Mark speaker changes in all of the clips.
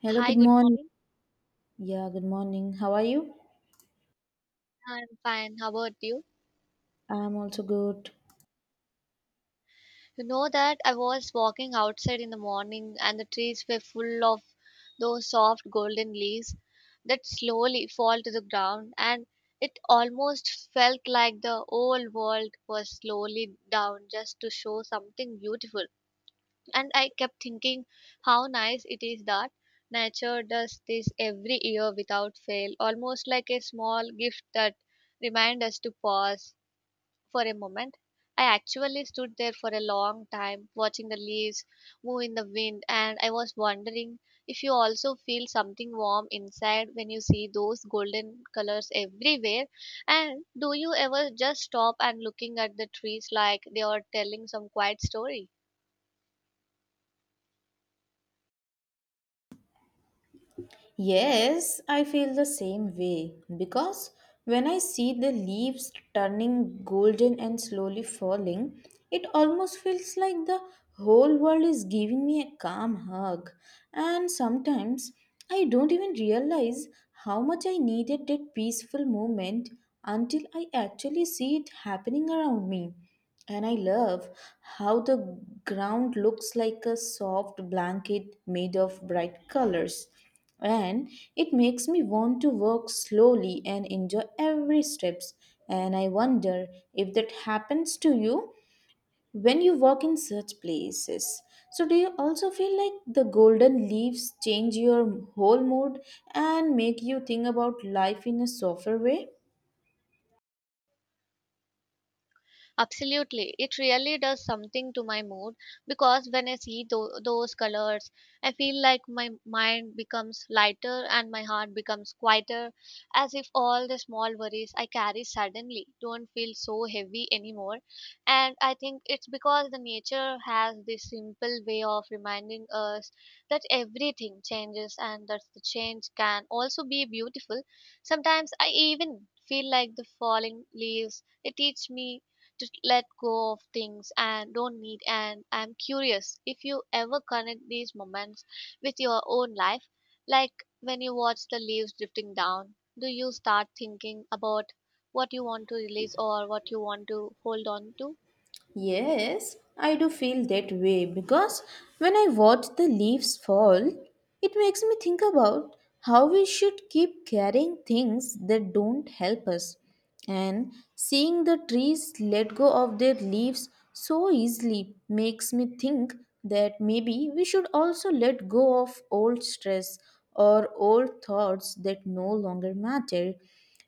Speaker 1: Hello,
Speaker 2: Hi,
Speaker 1: good
Speaker 2: good
Speaker 1: morning.
Speaker 2: morning.
Speaker 1: Yeah, good morning. How are you?
Speaker 2: I'm fine. How about you?
Speaker 1: I'm also good.
Speaker 2: You know that I was walking outside in the morning and the trees were full of those soft golden leaves that slowly fall to the ground and it almost felt like the whole world was slowly down just to show something beautiful. And I kept thinking how nice it is that nature does this every year without fail, almost like a small gift that reminds us to pause for a moment. I actually stood there for a long time, watching the leaves move in the wind, and I was wondering if you also feel something warm inside when you see those golden colors everywhere. And do you ever just stop and looking at the trees like they are telling some quiet story?
Speaker 1: Yes, I feel the same way because when I see the leaves turning golden and slowly falling, it almost feels like the whole world is giving me a calm hug. And sometimes I don't even realize how much I needed that peaceful moment until I actually see it happening around me. And I love how the ground looks like a soft blanket made of bright colors, and it makes me want to work slowly and enjoy every steps. And I wonder if that happens to you when you work in such places. So, do you also feel like the golden leaves change your whole mood and make you think about life in a softer way?
Speaker 2: Absolutely. It really does something to my mood because when I see those colors, I feel like my mind becomes lighter and my heart becomes quieter, as if all the small worries I carry suddenly don't feel so heavy anymore. And I think it's because the nature has this simple way of reminding us that everything changes and that the change can also be beautiful. Sometimes I even feel like the falling leaves they teach me to let go of things and don't need. And I'm curious if you ever connect these moments with your own life, like when you watch the leaves drifting down, do you start thinking about what you want to release or what you want to hold on to?
Speaker 1: Yes, I do feel that way because when I watch the leaves fall, it makes me think about how we should keep carrying things that don't help us. And seeing the trees let go of their leaves so easily makes me think that maybe we should also let go of old stress or old thoughts that no longer matter.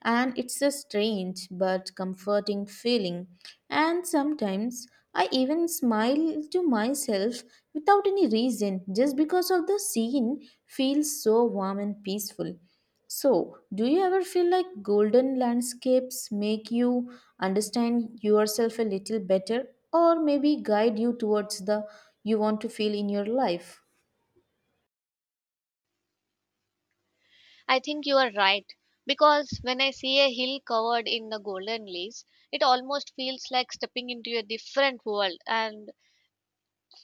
Speaker 1: And it's a strange but comforting feeling. And sometimes I even smile to myself without any reason just because of the scene feels so warm and peaceful. So, do you ever feel like golden landscapes make you understand yourself a little better, or maybe guide you towards the you want to feel in your life?
Speaker 2: I think you are right because when I see a hill covered in the golden leaves, it almost feels like stepping into a different world, and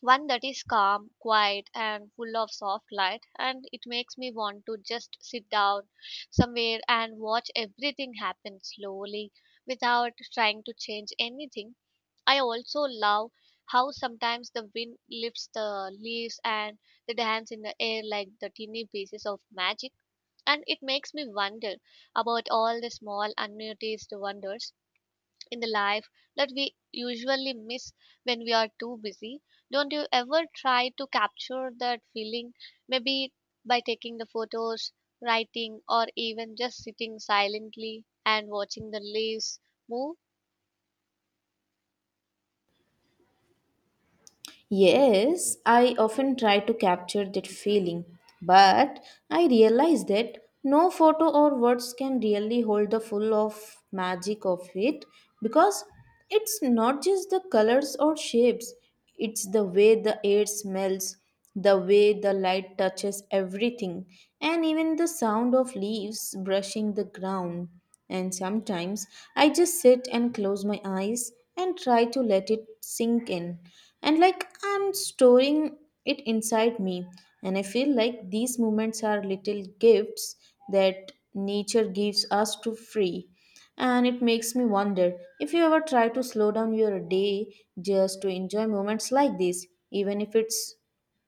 Speaker 2: one that is calm, quiet, and full of soft light, and it makes me want to just sit down somewhere and watch everything happen slowly without trying to change anything. I also love how sometimes the wind lifts the leaves and they dance in the air like the tiny pieces of magic, and it makes me wonder about all the small unnoticed wonders in the life that we usually miss when we are too busy. Don't you ever try to capture that feeling, maybe by taking the photos, writing, or even just sitting silently and watching the leaves move?
Speaker 1: Yes, I often try to capture that feeling, but I realize that no photo or words can really hold the full of magic of it, because it's not just the colors or shapes, it's the way the air smells, the way the light touches everything, and even the sound of leaves brushing the ground. And sometimes I just sit and close my eyes and try to let it sink in. And like I'm storing it inside me. And I feel like these moments are little gifts that nature gives us to free, and it makes me wonder if you ever try to slow down your day just to enjoy moments like this, even if it's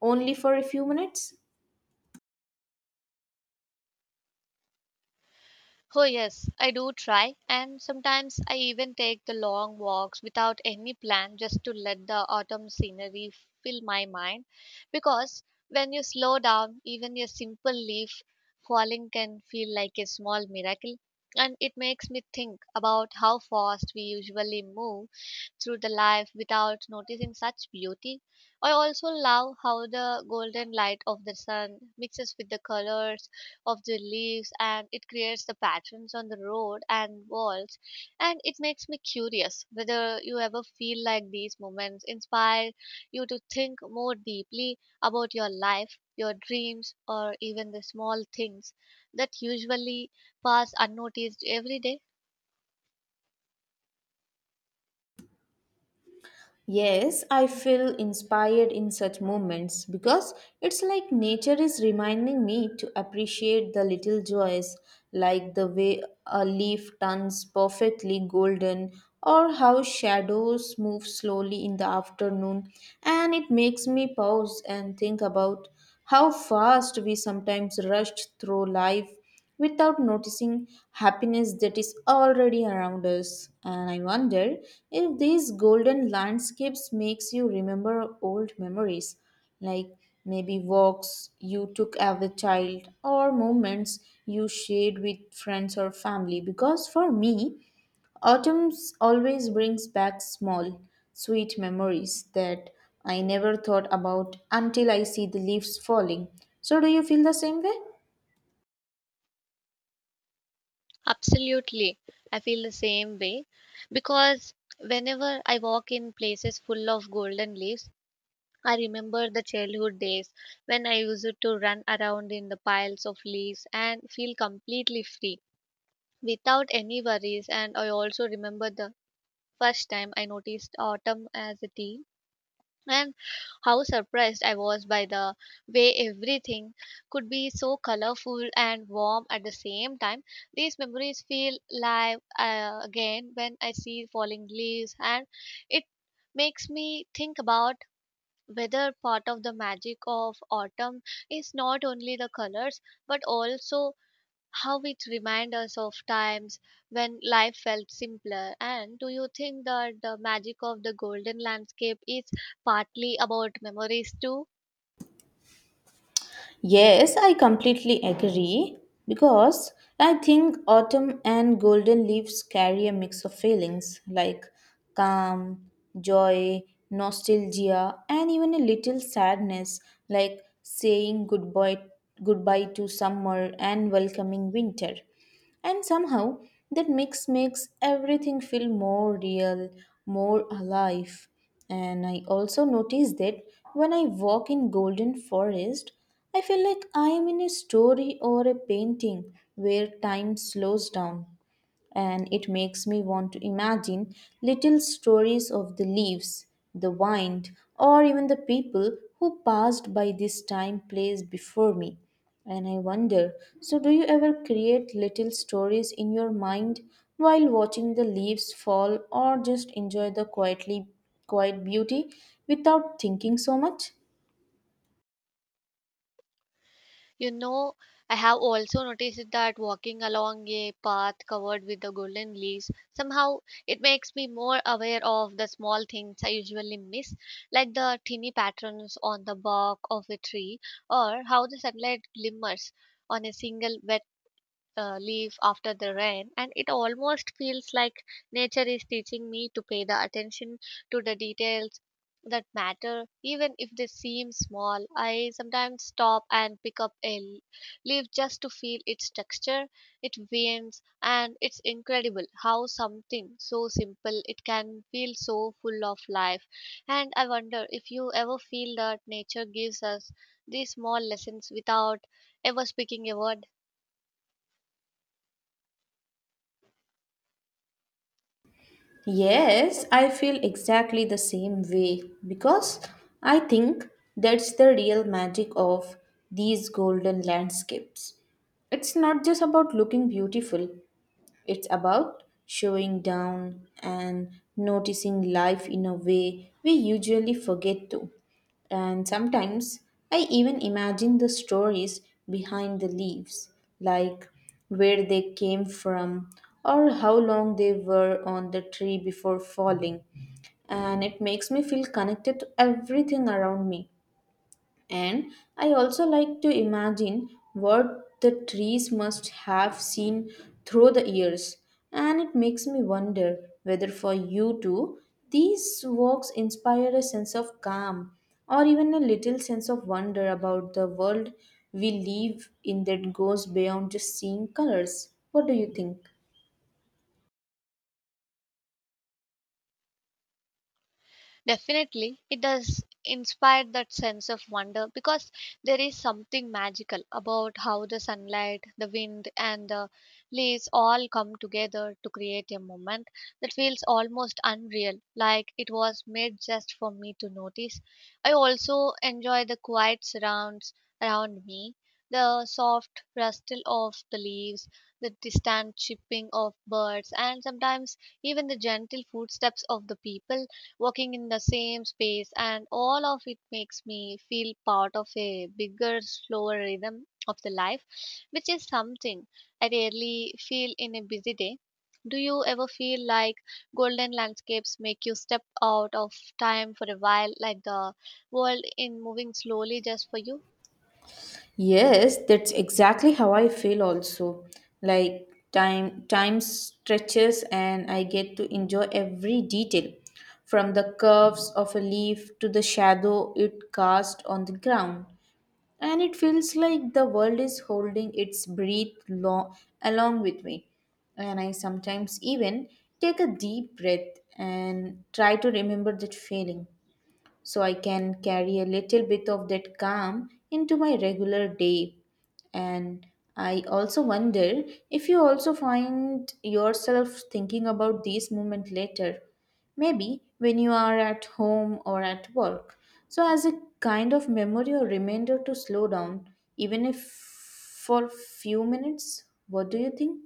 Speaker 1: only for a few minutes?
Speaker 2: Oh, yes, I do try, and sometimes I even take the long walks without any plan just to let the autumn scenery fill my mind. Because when you slow down, even a simple leaf falling can feel like a small miracle, and it makes me think about how fast we usually move through the life without noticing such beauty. I also love how the golden light of the sun mixes with the colors of the leaves and it creates the patterns on the road and walls. And it makes me curious whether you ever feel like these moments inspire you to think more deeply about your life, your dreams, or even the small things that usually pass unnoticed every day.
Speaker 1: Yes, I feel inspired in such moments because it's like nature is reminding me to appreciate the little joys, like the way a leaf turns perfectly golden or how shadows move slowly in the afternoon. And it makes me pause and think about how fast we sometimes rush through life without noticing happiness that is already around us. And I wonder if these golden landscapes makes you remember old memories, like maybe walks you took as a child or moments you shared with friends or family, because for me autumn always brings back small sweet memories that I never thought about until I see the leaves falling. So, do you feel the same way?
Speaker 2: Absolutely. I feel the same way because whenever I walk in places full of golden leaves, I remember the childhood days when I used to run around in the piles of leaves and feel completely free without any worries. And I also remember the first time I noticed autumn as a tea and how surprised I was by the way everything could be so colorful and warm at the same time. These memories feel live again when I see falling leaves, and it makes me think about whether part of the magic of autumn is not only the colors but also how it reminds us of times when life felt simpler. And do you think that the magic of the golden landscape is partly about memories too?
Speaker 1: Yes, I completely agree because I think autumn and golden leaves carry a mix of feelings like calm, joy, nostalgia, and even a little sadness, like saying goodbye to summer and welcoming winter. And somehow that mix makes everything feel more real, more alive. And I also notice that when I walk in Golden Forest, I feel like I am in a story or a painting where time slows down, and it makes me want to imagine little stories of the leaves, the wind, or even the people who passed by this time place before me. And I wonder, so, do you ever create little stories in your mind while watching the leaves fall, or just enjoy the quiet beauty without thinking so much?
Speaker 2: You know, I have also noticed that walking along a path covered with the golden leaves somehow it makes me more aware of the small things I usually miss, like the tiny patterns on the bark of a tree or how the sunlight glimmers on a single leaf after the rain, and it almost feels like nature is teaching me to pay the attention to the details that matter even if they seem small. I sometimes stop and pick up a leaf just to feel its texture, its veins, and it's incredible how something so simple it can feel so full of life. And I wonder if you ever feel that nature gives us these small lessons without ever speaking a word.
Speaker 1: Yes, I feel exactly the same way because I think that's the real magic of these golden landscapes. It's not just about looking beautiful, it's about showing down and noticing life in a way we usually forget to. And sometimes I even imagine the stories behind the leaves, like where they came from or how long they were on the tree before falling. And it makes me feel connected to everything around me. And I also like to imagine what the trees must have seen through the years. And it makes me wonder whether for you too, these walks inspire a sense of calm or even a little sense of wonder about the world we live in that goes beyond just seeing colors. What do you think?
Speaker 2: Definitely, it does inspire that sense of wonder because there is something magical about how the sunlight, the wind, and the leaves all come together to create a moment that feels almost unreal, like it was made just for me to notice. I also enjoy the quiet surrounds around me, the soft rustle of the leaves, the distant chirping of birds, and sometimes even the gentle footsteps of the people working in the same space, and all of it makes me feel part of a bigger, slower rhythm of the life, which is something I rarely feel in a busy day. Do you ever feel like golden landscapes make you step out of time for a while, like the world in moving slowly just for you?
Speaker 1: Yes, that's exactly how I feel also. Like time stretches and I get to enjoy every detail from the curves of a leaf to the shadow it casts on the ground. And it feels like the world is holding its breath long, along with me. And I sometimes even take a deep breath and try to remember that feeling so I can carry a little bit of that calm into my regular day. And I also wonder if you also find yourself thinking about these moments later, maybe when you are at home or at work. So, as a kind of memory or reminder to slow down, even if for few minutes, what do you think?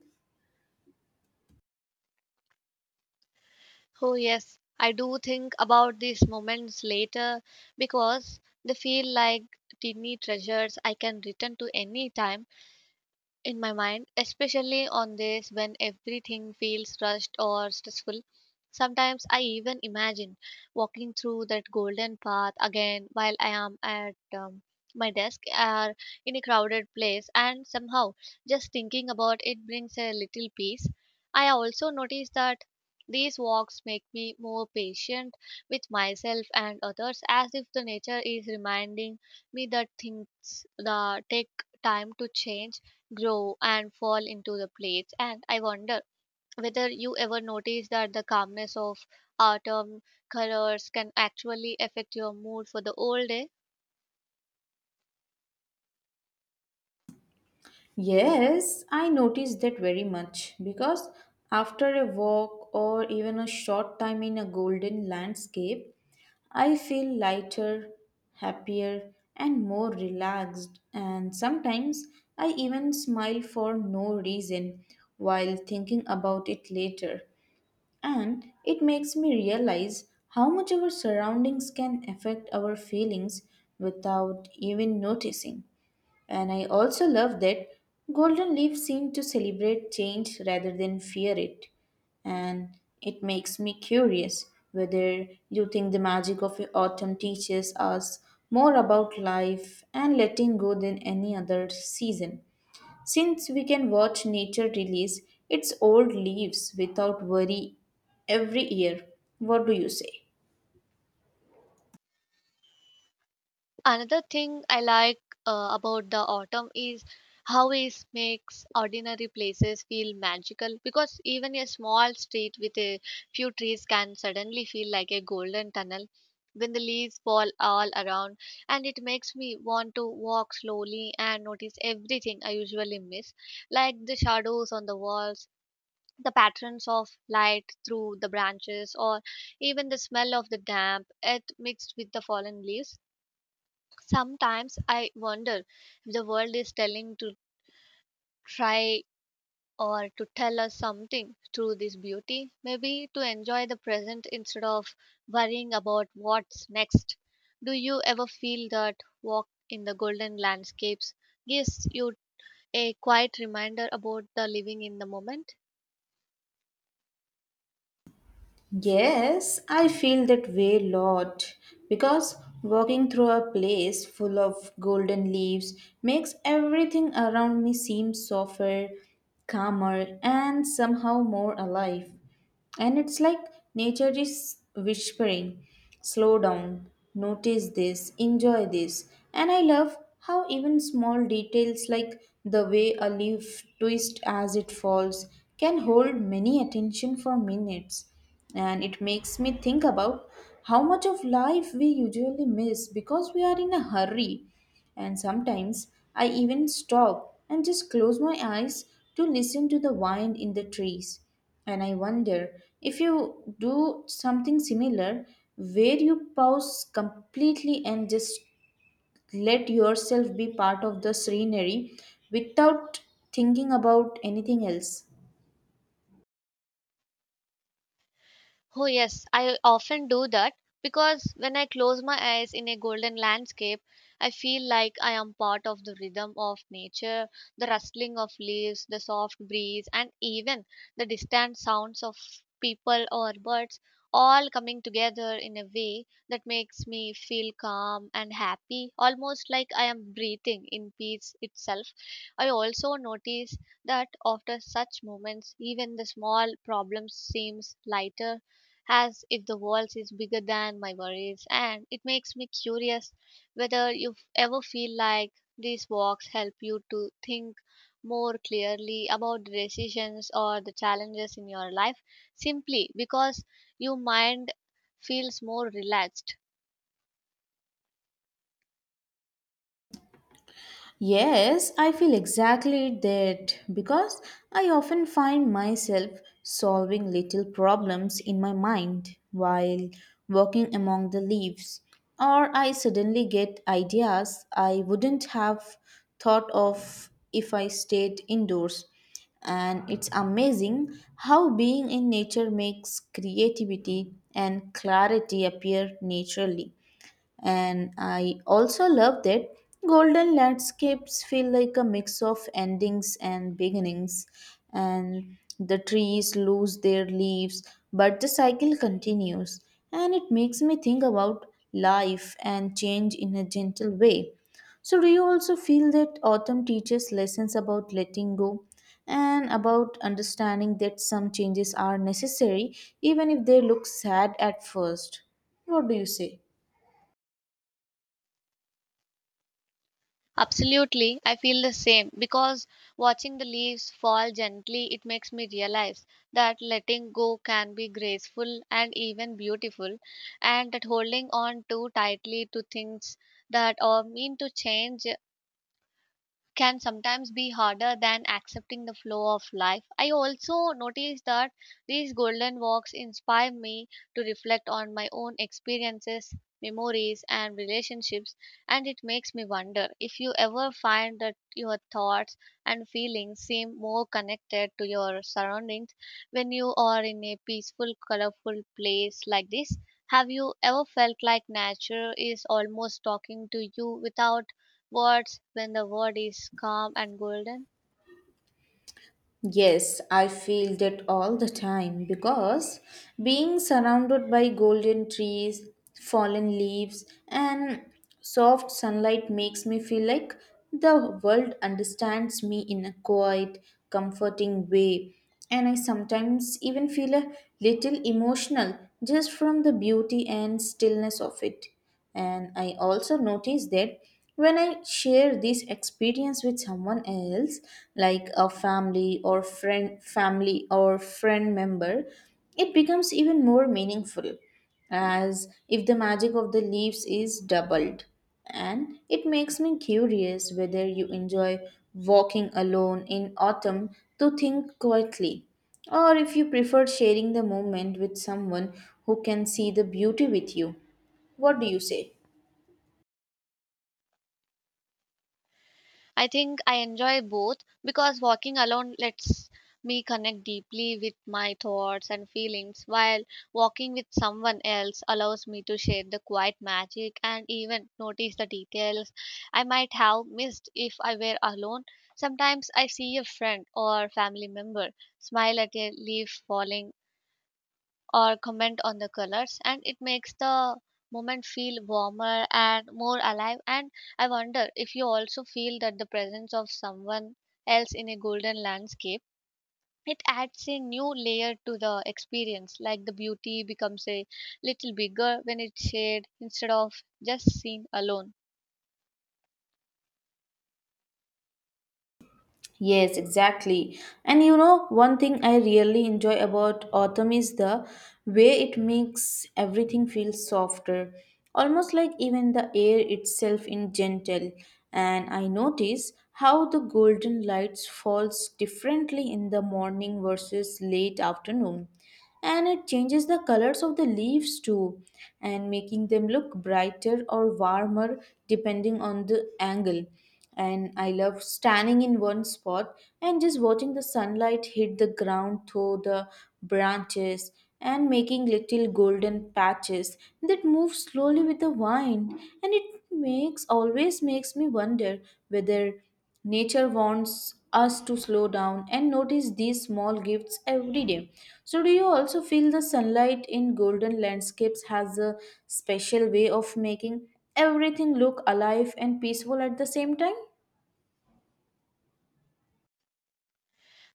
Speaker 2: Oh, yes, I do think about these moments later because they feel like tiny treasures I can return to any time in my mind, especially on days when everything feels rushed or stressful. Sometimes I even imagine walking through that golden path again while I am at my desk or in a crowded place, and somehow just thinking about it brings a little peace. I also notice that these walks make me more patient with myself and others, as if the nature is reminding me that things that take time to change grow and fall into the plates. And I wonder whether you ever notice that the calmness of autumn colors can actually affect your mood for the whole day.
Speaker 1: Yes, I noticed that very much because after a walk or even a short time in a golden landscape, I feel lighter, happier, and more relaxed. And sometimes I even smile for no reason while thinking about it later. And it makes me realize how much our surroundings can affect our feelings without even noticing. And I also love that golden leaf seemed to celebrate change rather than fear it. And it makes me curious whether you think the magic of autumn teaches us more about life and letting go than any other season. Since we can watch nature release its old leaves without worry every year, what do you say?
Speaker 2: Another thing I like about the autumn is how it makes ordinary places feel magical because even a small street with a few trees can suddenly feel like a golden tunnel when the leaves fall all around, and it makes me want to walk slowly and notice everything I usually miss, like the shadows on the walls, the patterns of light through the branches, or even the smell of the damp earth mixed with the fallen leaves. Sometimes I wonder if the world is telling to try or to tell us something through this beauty, maybe to enjoy the present instead of worrying about what's next. Do you ever feel that walk in the golden landscapes gives you a quiet reminder about the living in the moment?
Speaker 1: Yes, I feel that way a lot because walking through a place full of golden leaves makes everything around me seem softer, calmer, and somehow more alive. And it's like nature is whispering, slow down, notice this, enjoy this. And I love how even small details like the way a leaf twists as it falls can hold many attention for minutes. And it makes me think about how much of life we usually miss because we are in a hurry. And sometimes I even stop and just close my eyes to listen to the wind in the trees. And I wonder if you do something similar, where you pause completely and just let yourself be part of the scenery without thinking about anything else.
Speaker 2: Oh, yes, I often do that because when I close my eyes in a golden landscape, I feel like I am part of the rhythm of nature, the rustling of leaves, the soft breeze, and even the distant sounds of people or birds all coming together in a way that makes me feel calm and happy, almost like I am breathing in peace itself. I also notice that after such moments, even the small problems seems lighter, as if the walls is bigger than my worries, and it makes me curious whether you ever feel like these walks help you to think more clearly about the decisions or the challenges in your life simply because your mind feels more relaxed.
Speaker 1: Yes, I feel exactly that because I often find myself solving little problems in my mind while walking among the leaves, or I suddenly get ideas I wouldn't have thought of if I stayed indoors. And it's amazing how being in nature makes creativity and clarity appear naturally. And I also love that golden landscapes feel like a mix of endings and beginnings, and the trees lose their leaves, but the cycle continues, and it makes me think about life and change in a gentle way. So, do you also feel that autumn teaches lessons about letting go and about understanding that some changes are necessary, even if they look sad at first? What do you say?
Speaker 2: Absolutely, I feel the same because watching the leaves fall gently, it makes me realize that letting go can be graceful and even beautiful, and that holding on too tightly to things that are mean to change can sometimes be harder than accepting the flow of life. I also noticed that these golden walks inspire me to reflect on my own experiences, memories, and relationships, and it makes me wonder if you ever find that your thoughts and feelings seem more connected to your surroundings when you are in a peaceful, colorful place like this. Have you ever felt like nature is almost talking to you without words when the word is calm and golden?
Speaker 1: Yes, I feel that all the time because being surrounded by golden trees, fallen leaves, and soft sunlight makes me feel like the world understands me in a quiet, comforting way. And I sometimes even feel a little emotional just from the beauty and stillness of it. And I also notice that when I share this experience with someone else, like a family or friend member, it becomes even more meaningful, as if the magic of the leaves is doubled. And it makes me curious whether you enjoy walking alone in autumn to think quietly, or if you prefer sharing the moment with someone who can see the beauty with you. What do you say?
Speaker 2: I think I enjoy both because walking alone lets me connect deeply with my thoughts and feelings, while walking with someone else allows me to share the quiet magic and even notice the details I might have missed if I were alone. Sometimes I see a friend or family member smile at a leaf falling or comment on the colors and it makes the moment feel warmer and more alive. And I wonder if you also feel that the presence of someone else in a golden landscape, it adds a new layer to the experience, like the beauty becomes a little bigger when it's shared instead of just seen alone.
Speaker 1: Yes, exactly. And you know, one thing I really enjoy about autumn is the way it makes everything feel softer, almost like even the air itself in gentle. And I notice how the golden lights falls differently in the morning versus late afternoon, and it changes the colors of the leaves too, and making them look brighter or warmer depending on the angle. And I love standing in one spot and just watching the sunlight hit the ground through the branches and making little golden patches that move slowly with the wind. And it makes always makes me wonder whether nature wants us to slow down and notice these small gifts every day. So, do you also feel the sunlight in golden landscapes has a special way of making everything look alive and peaceful at the same time?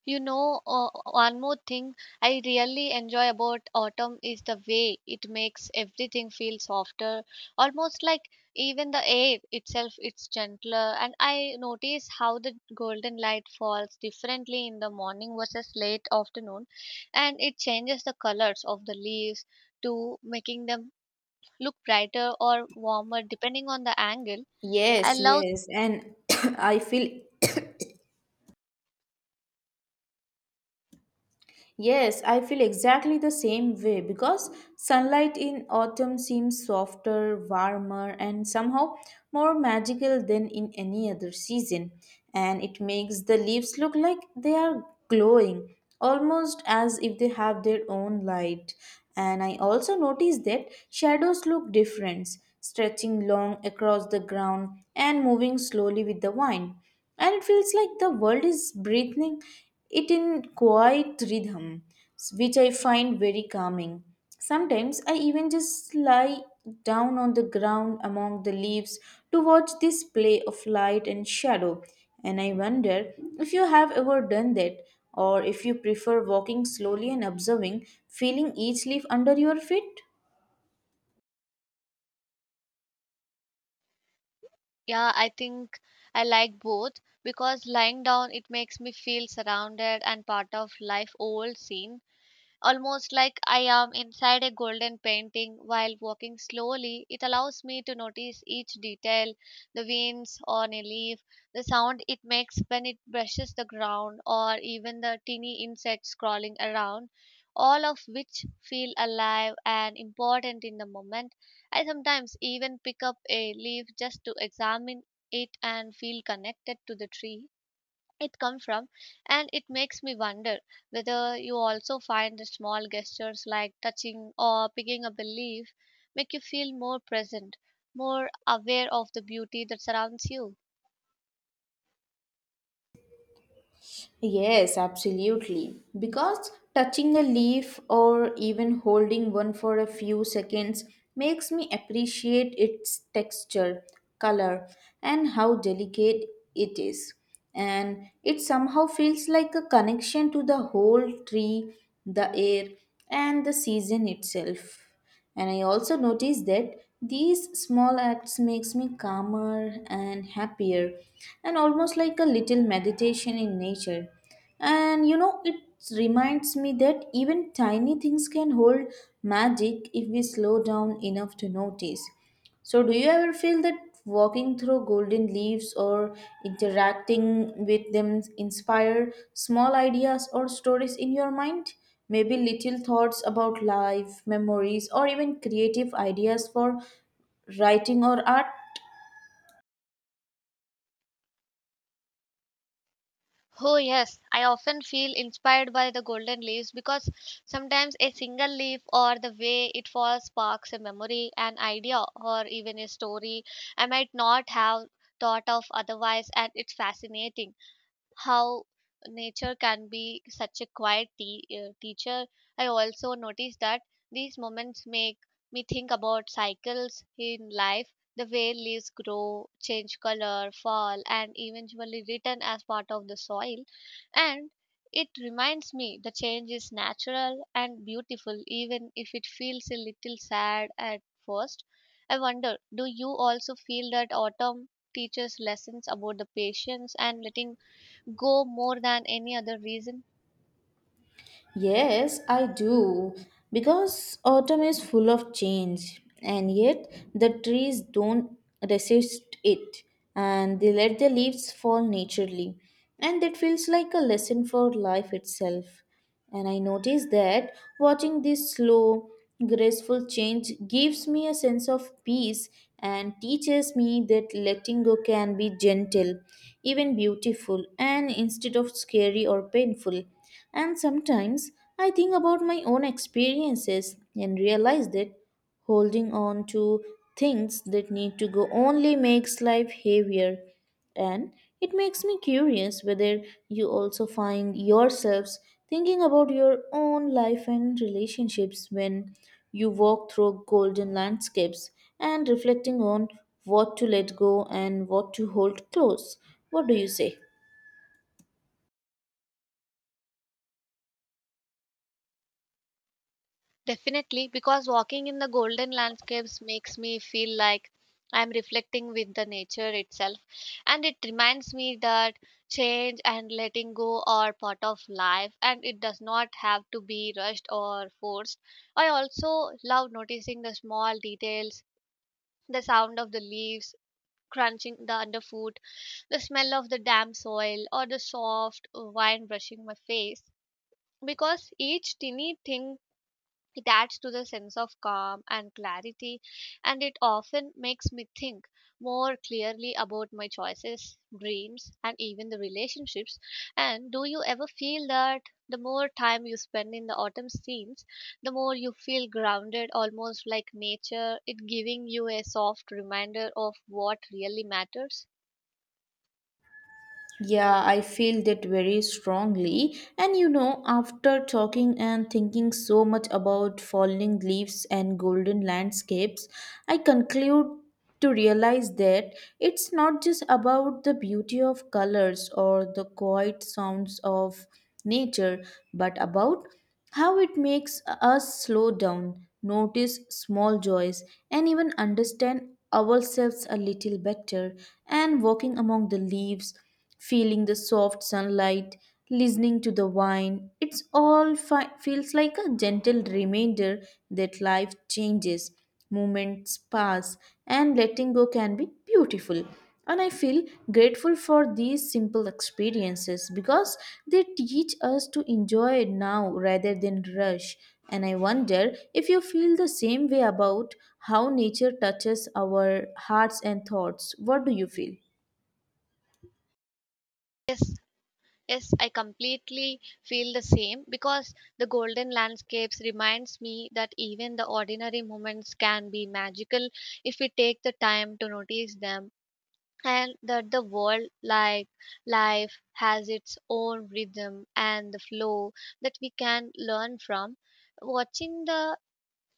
Speaker 2: You know, one more thing I really enjoy about autumn is the way it makes everything feel softer, almost like even the air itself it's gentler. And I notice how the golden light falls differently in the morning versus late afternoon, and it changes the colors of the leaves to making them look brighter or warmer depending on the angle. I
Speaker 1: Yes,
Speaker 2: love.
Speaker 1: yes, and I feel. Yes, I feel exactly the same way because sunlight in autumn seems softer, warmer, and somehow more magical than in any other season. And it makes the leaves look like they are glowing, almost as if they have their own light. And I also noticed that shadows look different, stretching long across the ground and moving slowly with the wind, and it feels like the world is breathing it in quiet rhythm, which I find very calming. Sometimes I even just lie down on the ground among the leaves to watch this play of light and shadow. And I wonder if you have ever done that, or if you prefer walking slowly and observing feeling each leaf under your feet.
Speaker 2: Yeah, I think I like both because lying down it makes me feel surrounded and part of life old scene, almost like I am inside a golden painting. While walking slowly, it allows me to notice each detail, the veins on a leaf, the sound it makes when it brushes the ground, or even the teeny insects crawling around. All of which feel alive and important in the moment. I sometimes even pick up a leaf just to examine it and feel connected to the tree it come from, and it makes me wonder whether you also find the small gestures like touching or picking up a leaf make you feel more present, more aware of the beauty that surrounds you.
Speaker 1: Yes, absolutely. Because touching a leaf or even holding one for a few seconds makes me appreciate its texture, color, and how delicate it is. And it somehow feels like a connection to the whole tree, the air, and the season itself. And I also notice that these small acts makes me calmer and happier, and almost like a little meditation in nature. And you know, it reminds me that even tiny things can hold magic if we slow down enough to notice. So, do you ever feel that walking through golden leaves or interacting with them inspire small ideas or stories in your mind? Maybe little thoughts about life, memories, or even creative ideas for writing or art?
Speaker 2: Oh yes, I often feel inspired by the golden leaves because sometimes a single leaf or the way it falls sparks a memory, an idea, or even a story I might not have thought of otherwise. And it's fascinating how nature can be such a quiet teacher. I also noticed that these moments make me think about cycles in life, the way leaves grow, change color, fall, and eventually return as part of the soil. And it reminds me the change is natural and beautiful, even if it feels a little sad at first. I wonder, do you also feel that autumn teaches lessons about the patience and letting go more than any other reason?
Speaker 1: Yes, I do. Because autumn is full of change, and yet the trees don't resist it, and they let their leaves fall naturally. And that feels like a lesson for life itself. And I notice that watching this slow, graceful change gives me a sense of peace and teaches me that letting go can be gentle, even beautiful, and instead of scary or painful. And sometimes I think about my own experiences and realize that holding on to things that need to go only makes life heavier. And it makes me curious whether you also find yourselves thinking about your own life and relationships when you walk through golden landscapes and reflecting on what to let go and what to hold close. What do you say?
Speaker 2: Definitely, because walking in the golden landscapes makes me feel like I'm reflecting with the nature itself. And it reminds me that change and letting go are part of life and it does not have to be rushed or forced. I also love noticing the small details, the sound of the leaves crunching the underfoot, the smell of the damp soil, or the soft wind brushing my face, because each tiny thing, it adds to the sense of calm and clarity, and it often makes me think more clearly about my choices, dreams, and even the relationships. And do you ever feel that the more time you spend in the autumn scenes, the more you feel grounded, almost like nature, it giving you a soft reminder of what really matters?
Speaker 1: Yeah, I feel that very strongly. And you know, after talking and thinking so much about falling leaves and golden landscapes, I conclude to realize that it's not just about the beauty of colors or the quiet sounds of nature, but about how it makes us slow down, notice small joys, and even understand ourselves a little better. And walking among the leaves, feeling the soft sunlight, listening to the wine. It's all feels like a gentle reminder that life changes, moments pass, and letting go can be beautiful. And I feel grateful for these simple experiences because they teach us to enjoy now rather than rush. And I wonder if you feel the same way about how nature touches our hearts and thoughts. What do you feel?
Speaker 2: Yes, Yes, I completely feel the same because the golden landscapes reminds me that even the ordinary moments can be magical if we take the time to notice them, and that the world, like life, has its own rhythm and the flow that we can learn from. Watching the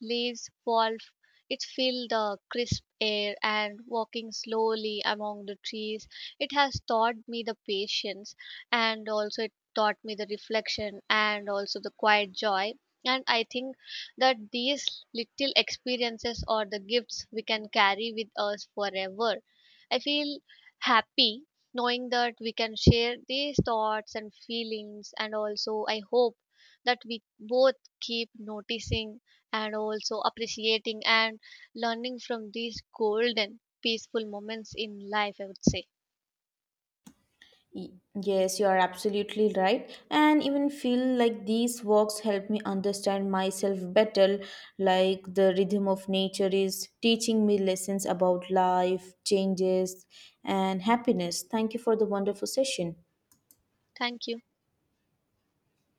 Speaker 2: leaves fall f- it fill the crisp air and walking slowly among the trees, it has taught me the patience, and also it taught me the reflection and also the quiet joy. And I think that these little experiences or the gifts we can carry with us forever. I feel happy knowing that we can share these thoughts and feelings, and also I hope that we both keep noticing and also appreciating and learning from these golden, peaceful moments in life, I would say.
Speaker 1: Y- Yes, you are absolutely right. And even feel like these walks help me understand myself better, like the rhythm of nature is teaching me lessons about life, changes, and happiness. Thank you for the wonderful session.
Speaker 2: Thank you.